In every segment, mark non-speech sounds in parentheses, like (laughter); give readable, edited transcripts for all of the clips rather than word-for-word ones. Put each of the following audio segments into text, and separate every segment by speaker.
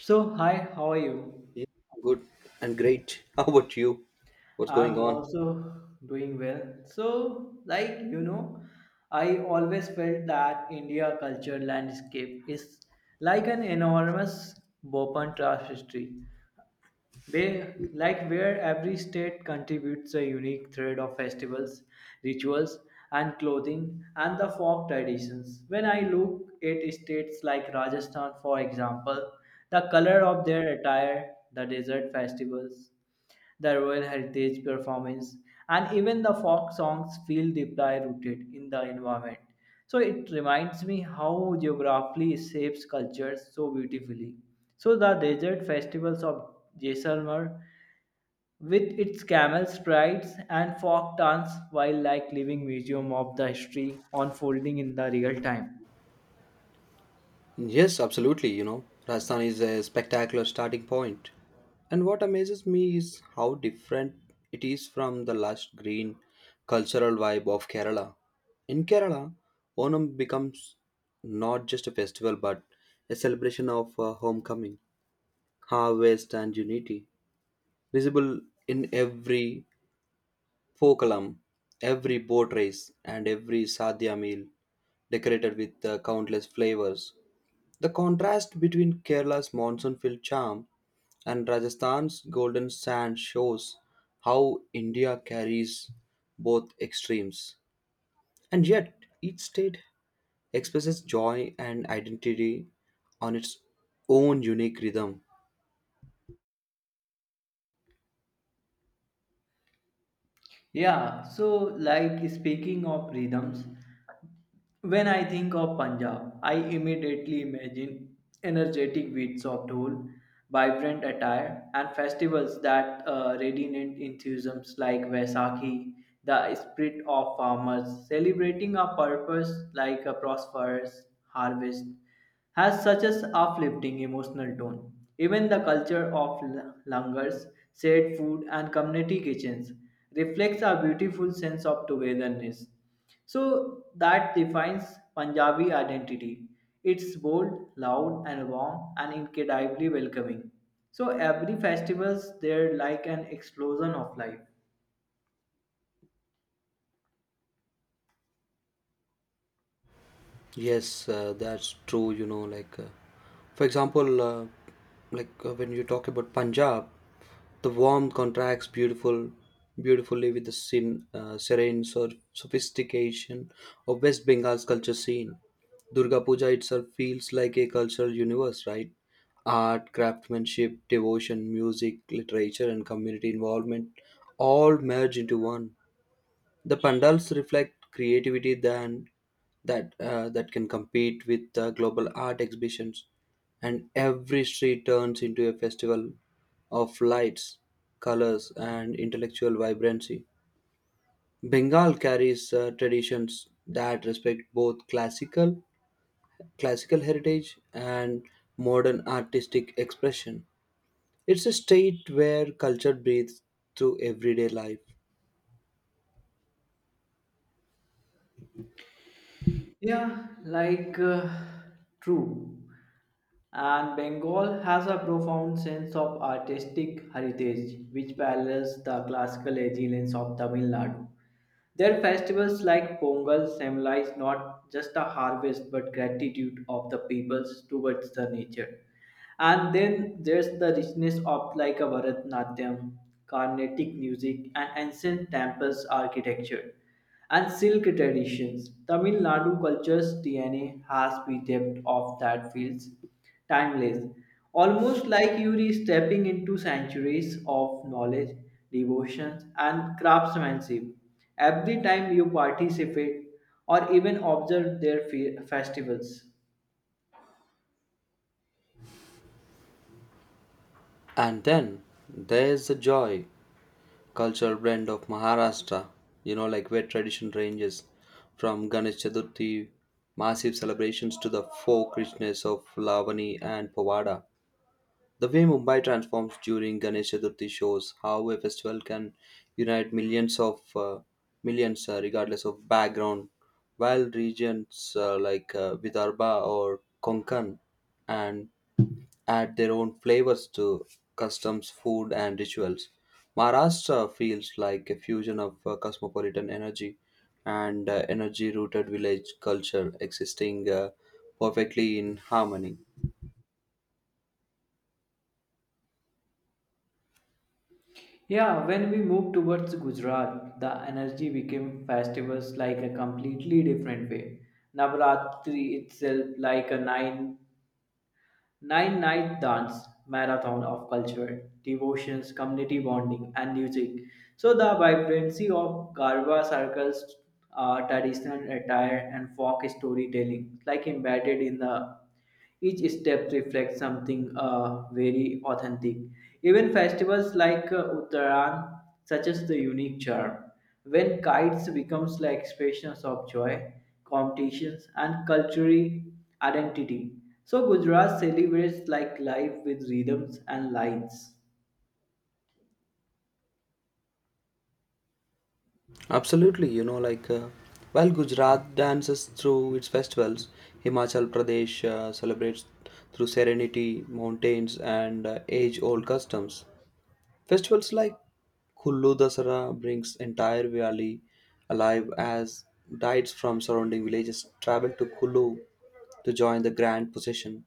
Speaker 1: So, hi, how are you?
Speaker 2: Yeah, good and great. (laughs) How about you? What's going
Speaker 1: I'm
Speaker 2: on?
Speaker 1: also doing well. So, like you know, I always felt that India culture landscape is an enormous open tapestry, where every state contributes a unique thread of festivals, rituals, and clothing and the folk traditions. When I look at states like Rajasthan, for example, the color of their attire, the desert festivals the Royal Heritage performance, and even the folk songs feel deeply rooted in the environment. So it reminds me how geography shapes cultures so beautifully. So the desert festivals of Jaisalmer with its camel's rides and folk dance while like living museum of the history unfolding in the real time.
Speaker 2: Yes, absolutely. You know, Rajasthan is a spectacular starting point. And what amazes me is how different it is from the lush green cultural vibe of Kerala. In Kerala, Onam becomes not just a festival but a celebration of homecoming, harvest, and unity, visible in every folk column, every boat race, and every sadhya meal, decorated with countless flavors. The contrast between Kerala's monsoon filled charm and Rajasthan's golden sand shows how India carries both extremes. And yet, each state expresses joy and identity on its own unique rhythm.
Speaker 1: Speaking of rhythms, when I think of Punjab, I immediately imagine energetic beats of dhol, vibrant attire, and festivals that radiant enthusiasms like Vaisakhi, the spirit of farmers celebrating a purpose like a prosperous harvest, has such an uplifting emotional tone. Even the culture of langars, shared food, and community kitchens reflects a beautiful sense of togetherness. So that defines Punjabi identity. It's bold, loud and warm and incredibly welcoming. So every festival's there like an explosion of life.
Speaker 2: Yes, that's true. You know, for example, when you talk about Punjab, the warmth contracts beautifully with the serene sophistication of West Bengal's culture scene. Durga Puja itself feels like a cultural universe, right? Art, craftsmanship, devotion, music, literature, and community involvement all merge into one. The pandals reflect creativity than that can compete with global art exhibitions, and every street turns into a festival of lights, colors, and intellectual vibrancy. Bengal carries traditions that respect both classical heritage and modern artistic expression. It's a state where culture breathes through everyday life.
Speaker 1: Yeah, like uh, true. And Bengal has a profound sense of artistic heritage which parallels the classical excellence of Tamil Nadu. Their festivals like Pongal symbolize not just a harvest but gratitude of the peoples towards the nature. And then there's the richness of like a Bharatnatyam, Carnatic music, and ancient temples architecture, and silk traditions. Tamil Nadu culture's DNA has the depth of that feels timeless, almost like you are stepping into centuries of knowledge, devotion, and craftsmanship. Every time you participate or even observe their festivals.
Speaker 2: And then there's the joy cultural blend of Maharashtra, you know, like where tradition ranges from Ganesh Chaturthi massive celebrations to the folk richness of Lavani and Pavada. The way Mumbai transforms during Ganesh Chaturthi shows how a festival can unite millions of millions regardless of background, while regions Vidarbha or Konkan and add their own flavors to customs, food, and rituals. Maharashtra feels like a fusion of cosmopolitan energy and energy rooted village culture existing perfectly in harmony.
Speaker 1: Yeah, when we moved towards Gujarat, the energy became festivals like a completely different way. Navratri itself, like a nine night dance marathon of culture, devotions, community bonding, and music. So the vibrancy of Garba circles traditional attire and folk storytelling, like embedded in the each step reflects something very authentic. Even festivals like Uttaran, such as the unique charm. When kites becomes like expressions of joy, competitions and cultural identity. So Gujarat celebrates like life with rhythms and lines.
Speaker 2: Absolutely, you know, well, Gujarat dances through its festivals, Himachal Pradesh celebrates through serenity, mountains, and age old customs. Festivals like Kullu Dasara brings entire valley alive as guides from surrounding villages travel to Kullu to join the grand procession.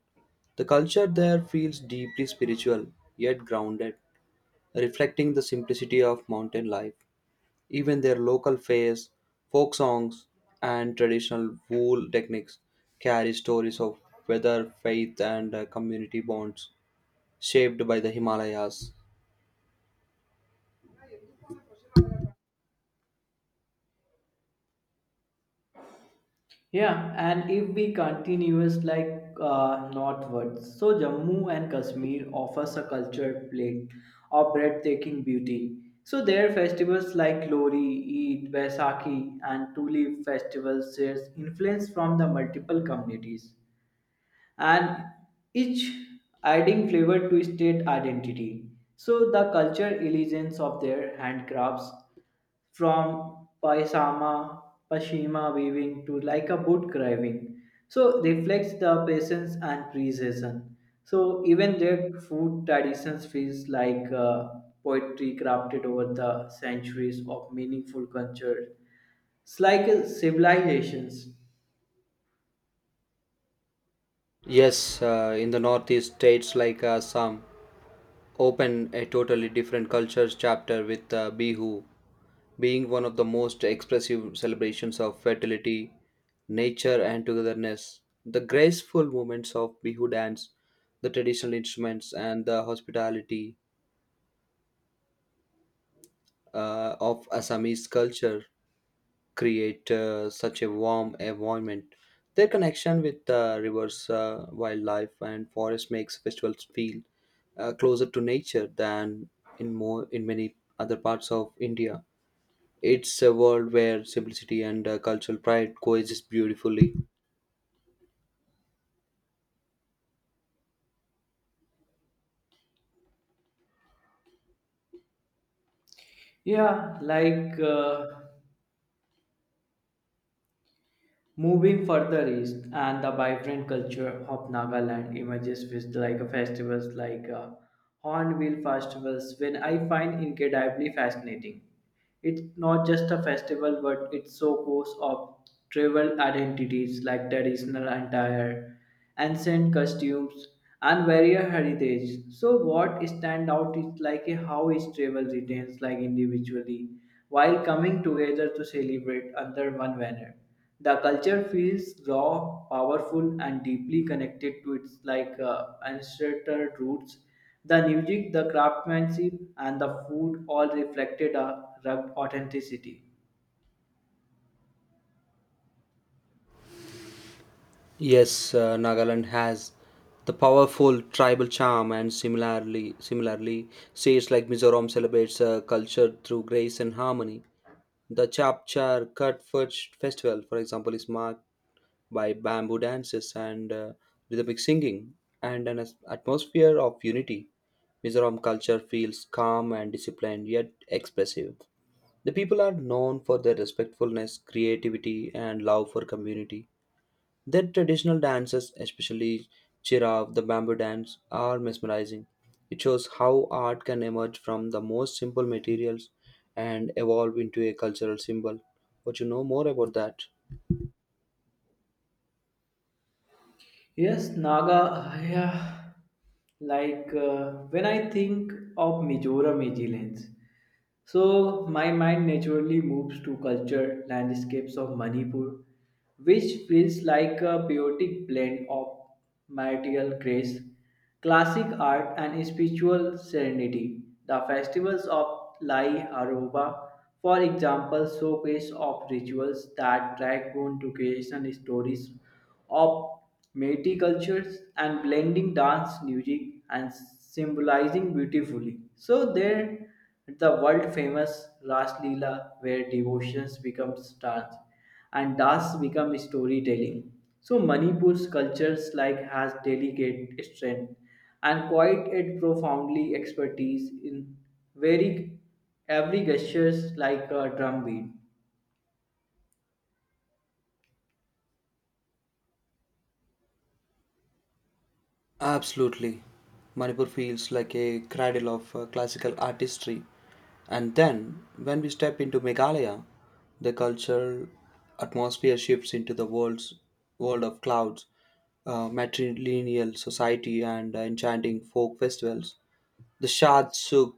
Speaker 2: The culture there feels deeply spiritual yet grounded, reflecting the simplicity of mountain life. Even their local fairs, folk songs, and traditional wool techniques carry stories of weather, faith, and community bonds shaped by the Himalayas.
Speaker 1: Yeah, and if we continuous northwards, so Jammu and Kashmir offers a cultured plate of breathtaking beauty. So their festivals like Lori, Eid, Baisakhi, and Tulip festivals shares influence from the multiple communities. And each adding flavor to state identity. So the culture illusions of their handcrafts from paisama, pashima weaving to like a boot carving, so reflects the patience and precision. So even their food traditions feels like poetry crafted over the centuries of meaningful culture. It's like civilizations.
Speaker 2: Yes, in the Northeast states like Assam, open a totally different cultures chapter with Bihu being one of the most expressive celebrations of fertility, nature, and togetherness. The graceful movements of Bihu dance, the traditional instruments, and the hospitality of Assamese culture create such a warm environment. Their connection with the rivers, wildlife, and forest makes festivals feel closer to nature than in many other parts of India. It's a world where simplicity and cultural pride coexist beautifully.
Speaker 1: Yeah, like uh, Moving further east, and the vibrant culture of Nagaland emerges with like a festivals like Hornbill festivals, when I find incredibly fascinating. It's not just a festival, but it's so course of tribal identities like traditional attire ancient costumes, and various heritage. So what stand out is like a how each travel retains like individually while coming together to celebrate under one banner. The culture feels raw, powerful, and deeply connected to its ancestral roots. The music, the craftsmanship, and the food all reflected a rugged authenticity.
Speaker 2: Yes, Nagaland has the powerful tribal charm, and similarly, states like Mizoram celebrates culture through grace and harmony. The Chapchar Cut Fetch Festival, for example, is marked by bamboo dances and rhythmic singing and an atmosphere of unity. Mizoram culture feels calm and disciplined yet expressive. The people are known for their respectfulness, creativity, and love for community. Their traditional dances, especially Chirag, the bamboo dance, are mesmerizing. It shows how art can emerge from the most simple materials and evolve into a cultural symbol. But you know more about that?
Speaker 1: Yes, Naga, yeah. When I think of Mizoram agilence, so my mind naturally moves to culture landscapes of Manipur, which feels like a poetic blend of martial grace, classic art, and spiritual serenity. The festivals of Lai Aruba, for example, showcase of rituals that drag on to creation stories of multi cultures and blending dance, music, and symbolizing beautifully. So there, the world famous Ras Leela, where devotions becomes dance and dance become storytelling. So Manipur's cultures like has delicate strength and quite a profoundly expertise in very every gestures like a drum beat.
Speaker 2: Absolutely. Manipur feels like a cradle of classical artistry. And then, when we step into Meghalaya, the cultural atmosphere shifts into the world's world of clouds, matrilineal society, and enchanting folk festivals. The Shad Suk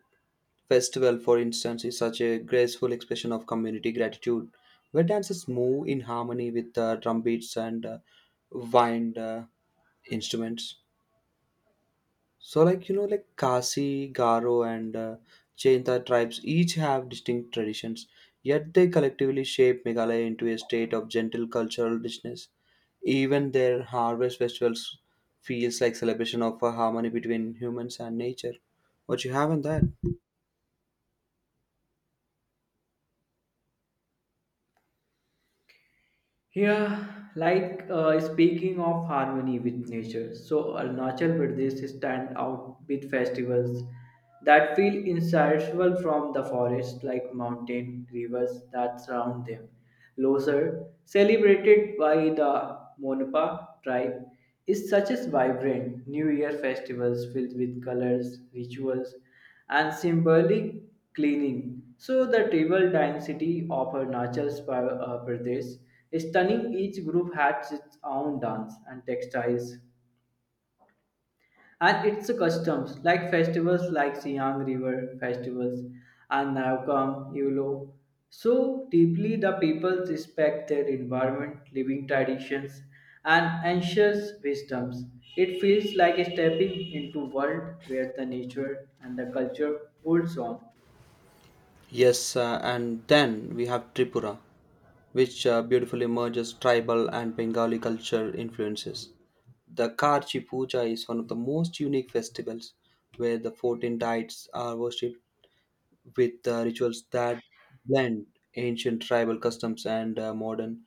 Speaker 2: festival, for instance, is such a graceful expression of community gratitude, where dances move in harmony with drum beats and wind instruments. So, like, you know, like Khasi, Garo, and Jainta tribes each have distinct traditions, yet they collectively shape Meghalaya into a state of gentle cultural richness. Even their harvest festivals feels like celebration of a harmony between humans and nature. What you have in that?
Speaker 1: Speaking of harmony with nature, so Arunachal Pradesh stand out with festivals that feel inseparable from the forest, like mountain rivers that surround them. Losar, celebrated by the Monpa tribe, is such a vibrant New Year festivals filled with colors, rituals, and symbolic cleaning. So, the tribal density of Pradesh is stunning. Each group has its own dance and textiles and its customs, like festivals like Siang River festivals and Navkam Yulo. So deeply, the people respect their environment, living traditions, and ancient wisdoms. It feels like stepping into world where the nature and the culture holds on.
Speaker 2: Yes, and then we have Tripura, which beautifully merges tribal and Bengali culture influences. The Karchi Puja is one of the most unique festivals where the 14 deities are worshipped with rituals that blend ancient tribal customs and modern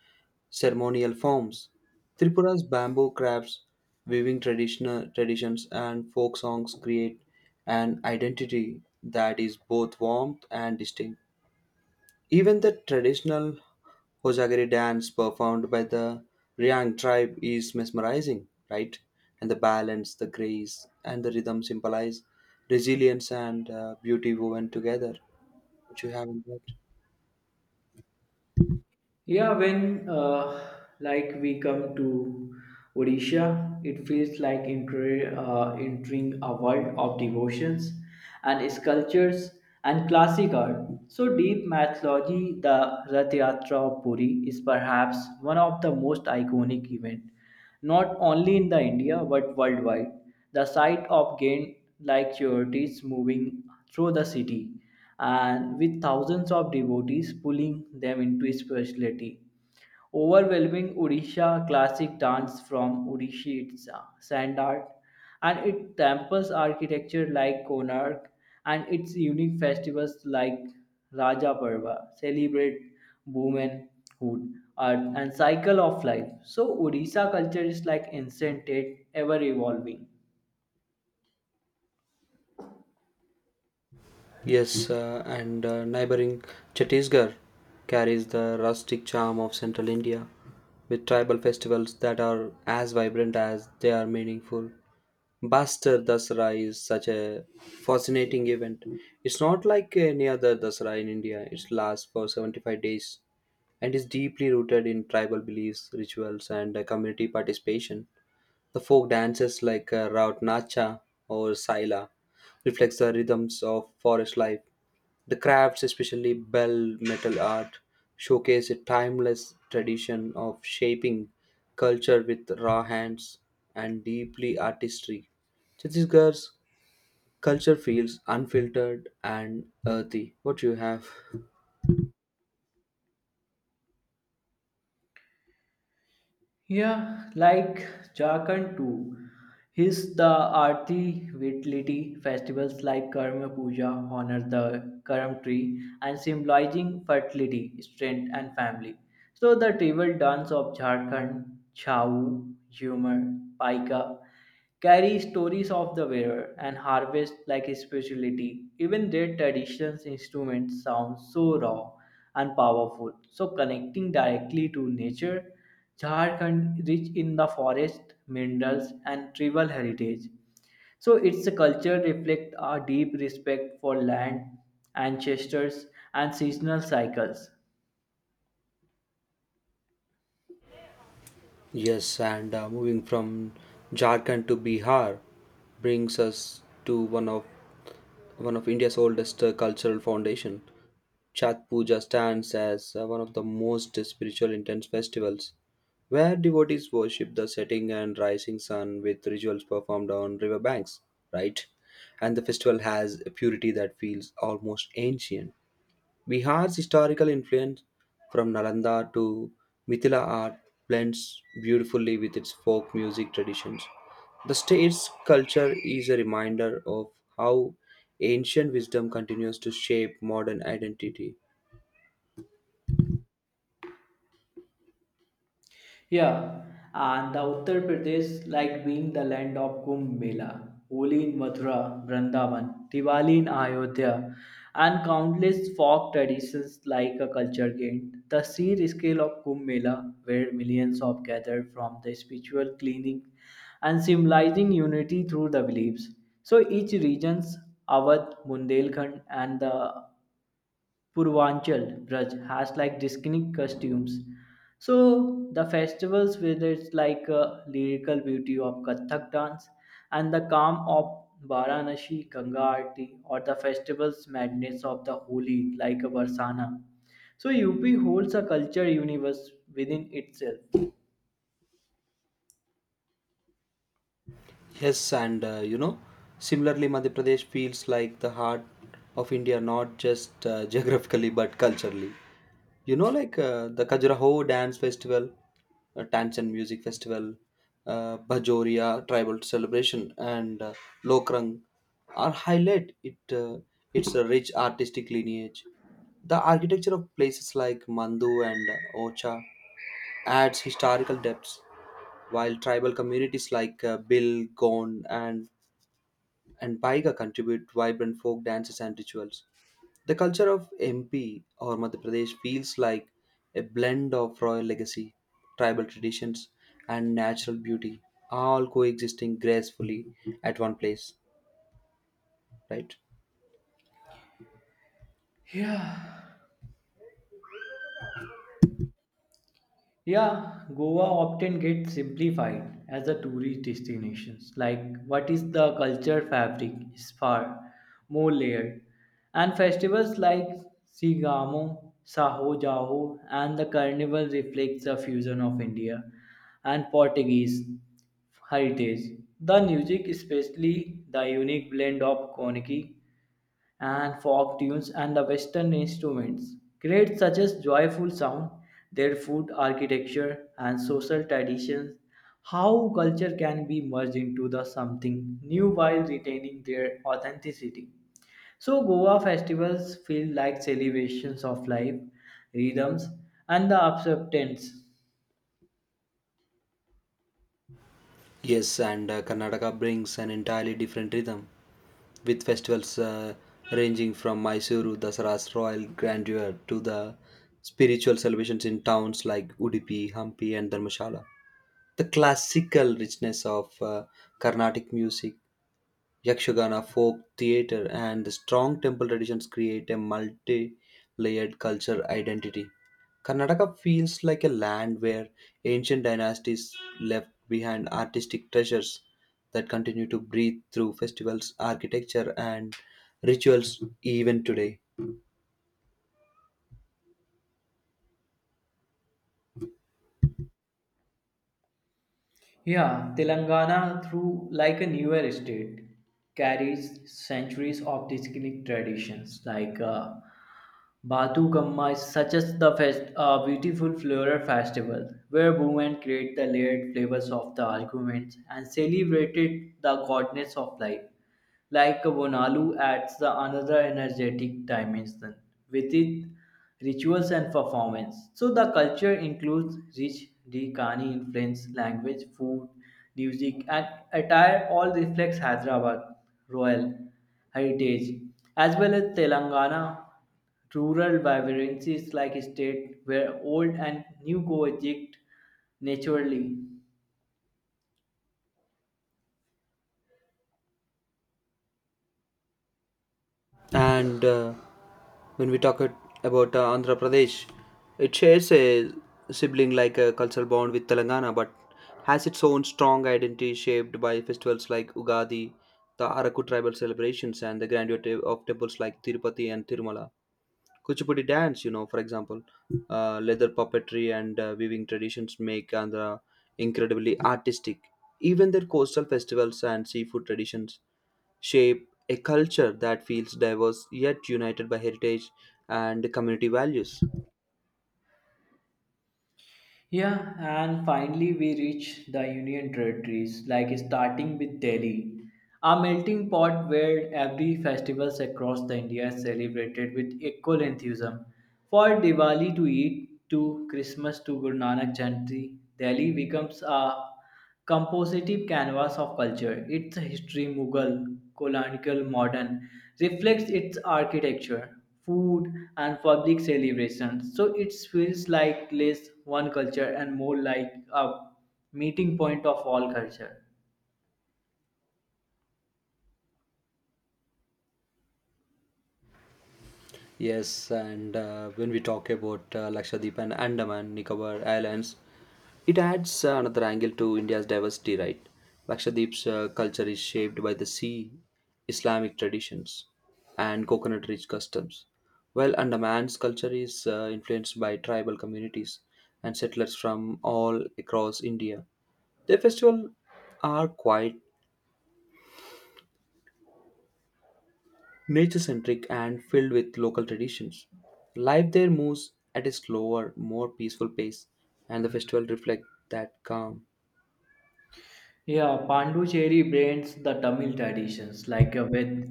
Speaker 2: ceremonial forms. Tripura's bamboo crafts, weaving traditional traditions, and folk songs create an identity that is both warm and distinct. Even the traditional Hosagari dance performed by the Ryang tribe is mesmerizing, right? And the balance, the grace, and the rhythm symbolize resilience and beauty woven together, which you have in that.
Speaker 1: Yeah, when like we come to Odisha, it feels like entering a world of devotions and sculptures and classic art. So deep mythology, the Rath Yatra of Puri is perhaps one of the most iconic events, not only in the India but worldwide. The sight of gain like charities moving through the city and with thousands of devotees pulling them into spirituality. Overwhelming Odisha classic dance from Odishi its sand art and its temples architecture like Konark and its unique festivals like Raja Parva celebrate womanhood, earth and cycle of life. So Odisha culture is like ancient, ever evolving.
Speaker 2: Yes, and neighboring Chhattisgarh carries the rustic charm of central India, with tribal festivals that are as vibrant as they are meaningful. Bastar Dasara is such a fascinating event. It's not like any other Dasara in India. It lasts for 75 days and is deeply rooted in tribal beliefs, rituals, and community participation. The folk dances like Raut Nacha or Saila reflects the rhythms of forest life. The crafts, especially bell metal art, showcase a timeless tradition of shaping culture with raw hands and deeply artistry. Chhattisgarh's culture feels unfiltered and earthy. What do you have?
Speaker 1: Yeah, like Jharkhand too. His the Aarti Vitality festivals like Karma Puja honor the Karam tree and symbolizing fertility, strength and family. So the tribal dance of Jharkhand, Chau, Jhumar, Paika carry stories of the wearer and harvest like spirituality. Even their traditions instruments sound so raw and powerful, so connecting directly to nature Jharkhand rich in the forest, minerals, and tribal heritage. So its culture reflects a deep respect for land, ancestors, and seasonal cycles.
Speaker 2: Yes, and moving from Jharkhand to Bihar brings us to one of India's oldest cultural foundation. Chhat Puja stands as one of the most spiritual intense festivals, where devotees worship the setting and rising sun with rituals performed on river banks. Right, and the festival has a purity that feels almost ancient. Bihar's historical influence from Nalanda to Mithila art blends beautifully with its folk music traditions. The state's culture is a reminder of how ancient wisdom continues to shape modern identity.
Speaker 1: Yeah, and the Uttar Pradesh like being the land of Kumbh Mela, Holi in Mathura, Vrindavan, Diwali in Ayodhya, and countless folk traditions like a culture gained. The sheer scale of Kumbh Mela, where millions of gathered from the spiritual cleaning and symbolizing unity through the beliefs. So each region's Awadh, Bundelkhand, and the Purvanchal Braj has like distinct costumes. So the festivals with its lyrical beauty of Kathak dance and the calm of Varanasi Ganga Aarti or the festival's madness of the Holi like a Varsana. So UP holds a culture universe within itself.
Speaker 2: Yes, and you know, similarly, Madhya Pradesh feels like the heart of India, not just (laughs) geographically but culturally. You know, like the Khajuraho Dance Festival, Tanchen Music Festival, Bajoria Tribal Celebration, and Lokrang are highlight it its a rich artistic lineage. The architecture of places like Mandu and Ocha adds historical depths while tribal communities like Bill, Gone, and Paiga contribute vibrant folk dances and rituals. The culture of MP or Madhya Pradesh feels like a blend of royal legacy, tribal traditions, and natural beauty, all coexisting gracefully at one place, right?
Speaker 1: Yeah, Yeah, Goa often gets simplified as a tourist destination. Like, what is the culture fabric is far more layered. And festivals like Sigamo, Saho Jaho, and the carnival reflects a fusion of India and Portuguese heritage. The music, especially the unique blend of Koniki and folk tunes and the western instruments create such a joyful sound their food architecture and social traditions how culture can be merged into the something new while retaining their authenticity so goa festivals feel like celebrations of life rhythms and the acceptance.
Speaker 2: Yes, and Karnataka brings an entirely different rhythm, with festivals ranging from Mysuru Dasara's royal grandeur to the spiritual celebrations in towns like Udupi, Hampi, and Dharmshala. The classical richness of Carnatic music, Yakshagana, folk theatre, and the strong temple traditions create a multi layered culture identity. Karnataka feels like a land where ancient dynasties left behind artistic treasures that continue to breathe through festivals, architecture, and rituals even today.
Speaker 1: Yeah, Telangana, through like a newer state, carries centuries of distinct traditions. Like Batu Kamma is such as the fest, a beautiful floral festival where women create the layered flavors of the arguments and celebrated the goddess of life like Vonalu adds the another energetic dimension with its rituals and performance. So the culture includes rich Dekani influence, language, food, music, and attire all reflects Hyderabad royal heritage as well as Telangana rural vibrancies like state where old and new coexist naturally.
Speaker 2: And when we talk it about Andhra Pradesh, it shares a sibling like a cultural bond with Telangana, but has its own strong identity shaped by festivals like Ugadi, the Araku tribal celebrations, and the grandeur of temples like Tirupati and Tirumala. Kuchipudi dance, you know, for example, leather puppetry and weaving traditions make Andhra incredibly artistic. Even their coastal festivals and seafood traditions shape a culture that feels diverse yet united by heritage and community values.
Speaker 1: Yeah, and finally we reach the Union territories, like starting with Delhi, a melting pot where every festivals across the India is celebrated with equal enthusiasm. For Diwali to Eid to Christmas to Guru Nanak Jayanti, Delhi becomes a compositive canvas of culture. Its history, Mughal, colonial, modern, reflects its architecture, food, and public celebrations. So it feels like less one culture and more like a meeting point of all culture.
Speaker 2: Yes, and when we talk about Lakshadweep and Andaman Nicobar Islands, it adds another angle to India's diversity, right? Lakshadweep's culture is shaped by the sea, Islamic traditions, and coconut rich customs, while Andaman's culture is influenced by tribal communities and settlers from all across India. Their festivals are quite nature centric and filled with local traditions. Life there moves at a slower, more peaceful pace, and the festival reflects that calm.
Speaker 1: Yeah, Pondicherry blends the Tamil traditions like with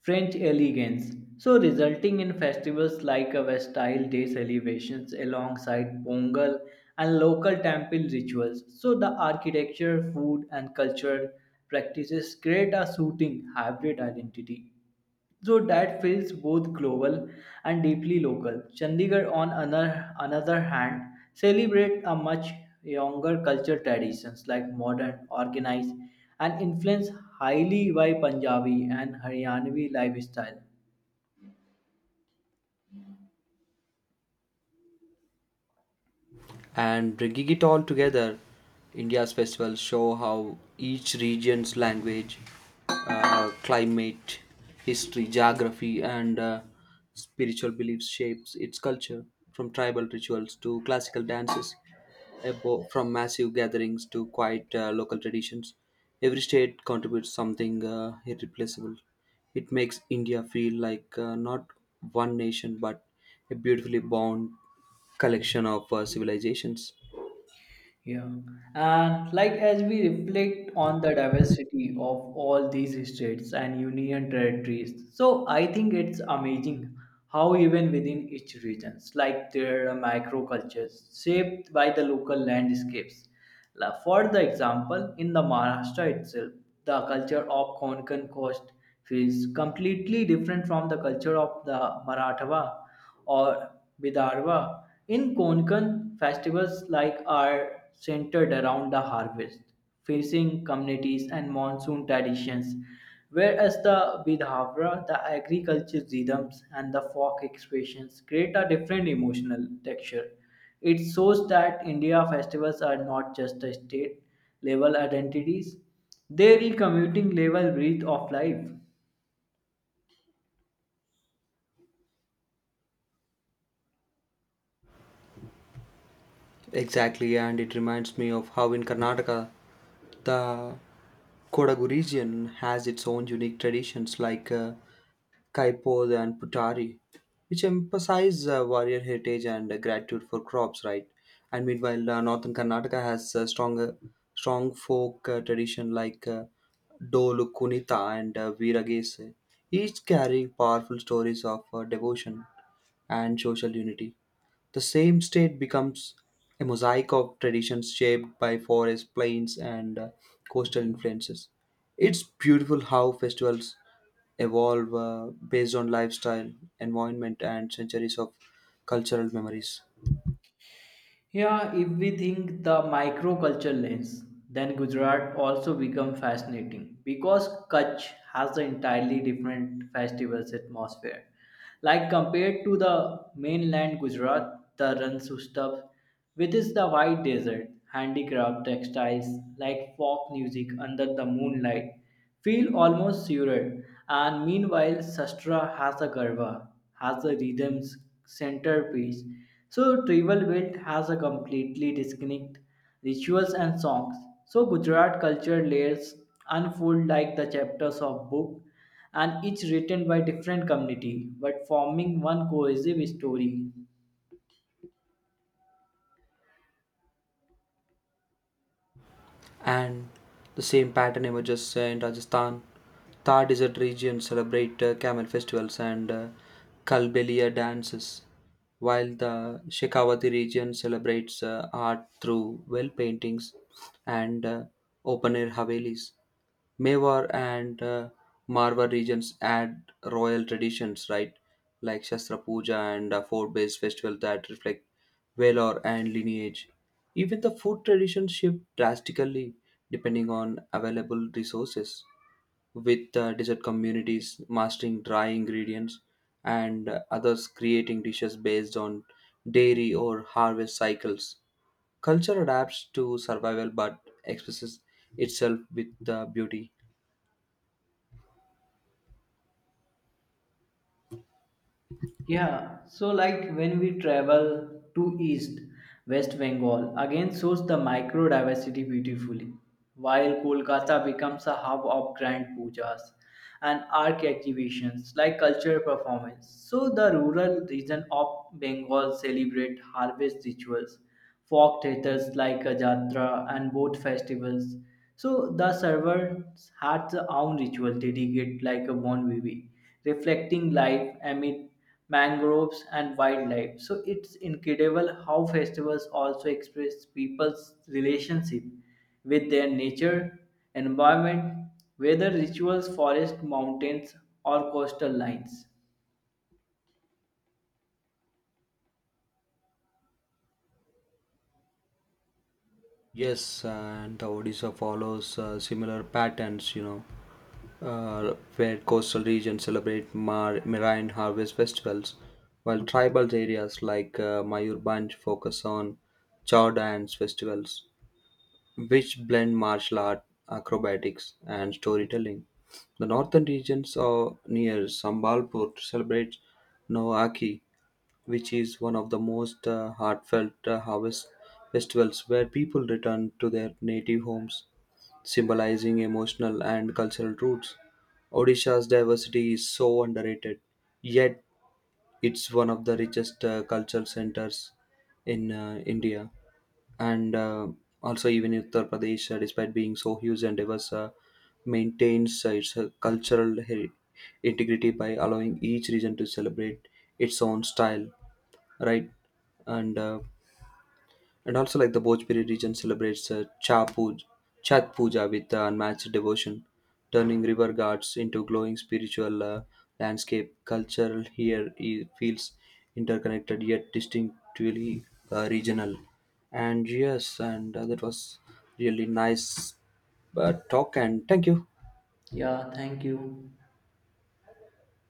Speaker 1: French elegance, so resulting in festivals like Vestile Day celebrations alongside Pongal and local temple rituals. So the architecture, food, and cultural practices create a suiting hybrid identity. So that feels both global and deeply local. Chandigarh, on another hand, celebrates a much younger culture traditions like modern, organized, and influenced highly by Punjabi and Haryanvi lifestyle.
Speaker 2: And bringing it all together, India's festivals show how each region's language, climate, history, geography, and spiritual beliefs shapes its culture, from tribal rituals to classical dances, from massive gatherings to quiet local traditions. Every state contributes something irreplaceable. It makes India feel like not one nation but a beautifully bound collection of civilizations.
Speaker 1: Yeah. And like as we reflect on the diversity of all these states and union territories, so I think it's amazing how even within each regions, like there are microcultures shaped by the local landscapes. For the example, in the Maharashtra itself, the culture of Konkan coast feels completely different from the culture of the Marathwa or Bidarva. In Konkan, festivals like are centered around the harvest, facing communities and monsoon traditions, whereas the Bidhavra, the agricultural rhythms and the folk expressions create a different emotional texture. It shows that India festivals are not just a state level identities, they are commuting level breath of life.
Speaker 2: Exactly, and it reminds me of how in Karnataka the Kodagu region has its own unique traditions like Kaipod and Putari, which emphasize warrior heritage and gratitude for crops, right? And meanwhile, northern Karnataka has strong folk tradition like Dolu Kunita and Veeragese, each carrying powerful stories of devotion and social unity. The same state becomes a mosaic of traditions shaped by forests, plains, and coastal influences. It's beautiful how festivals evolve based on lifestyle, environment, and centuries of cultural memories.
Speaker 1: Yeah, if we think the microculture lens, then Gujarat also become fascinating because Kutch has an entirely different festivals atmosphere. Like compared to the mainland Gujarat, the Ransustav, which is the white desert, handicraft, textiles, like folk music under the moonlight, feel almost surreal. And meanwhile, Sastra has a garba, has a rhythm's centerpiece. So tribal belt has a completely distinct rituals and songs. So Gujarat culture layers unfold like the chapters of book and each written by different community but forming one cohesive story.
Speaker 2: And the same pattern emerges in Rajasthan. Thar desert region celebrate camel festivals and Kalbelia dances, while the Shekhawati region celebrates art through well paintings and open air havelis. Mewar and Marwar regions add royal traditions, right? Like Shastra Puja and fort-based festivals that reflect valor and lineage. Even the food traditions shift drastically depending on available resources, with desert communities mastering dry ingredients and others creating dishes based on dairy or harvest cycles. Culture adapts to survival but expresses itself with beauty.
Speaker 1: Yeah, so like when we travel to East West Bengal, again shows the micro diversity beautifully, while Kolkata becomes a hub of grand pujas and art activations like cultural performance. So the rural region of Bengal celebrate harvest rituals, folk theatres like a jatra and boat festivals. So the servants had their own ritual dedicated like a bon vivi, reflecting life amid mangroves and wildlife so it's incredible how festivals also express people's relationship with their nature environment whether rituals forest mountains or coastal lines.
Speaker 2: Yes, and the Odisha follows similar patterns, you know, where coastal regions celebrate marine harvest festivals, while tribal areas like Mayurbanj focus on chow dance festivals, which blend martial art, acrobatics, and storytelling. The northern regions are near Sambalpur celebrates Noaki, which is one of the most heartfelt harvest festivals where people return to their native homes, symbolizing emotional and cultural roots. Odisha's diversity is so underrated, yet it's one of the richest cultural centers in India. And also, even Uttar Pradesh, despite being so huge and diverse, maintains its integrity by allowing each region to celebrate its own style, right? And uh, and also like the Bhojpuri region celebrates Chat Puja with unmatched devotion, turning river ghats into glowing spiritual landscape. Culture here feels interconnected yet distinctively regional. And yes, and that was really nice talk. And thank you.
Speaker 1: Yeah, thank you.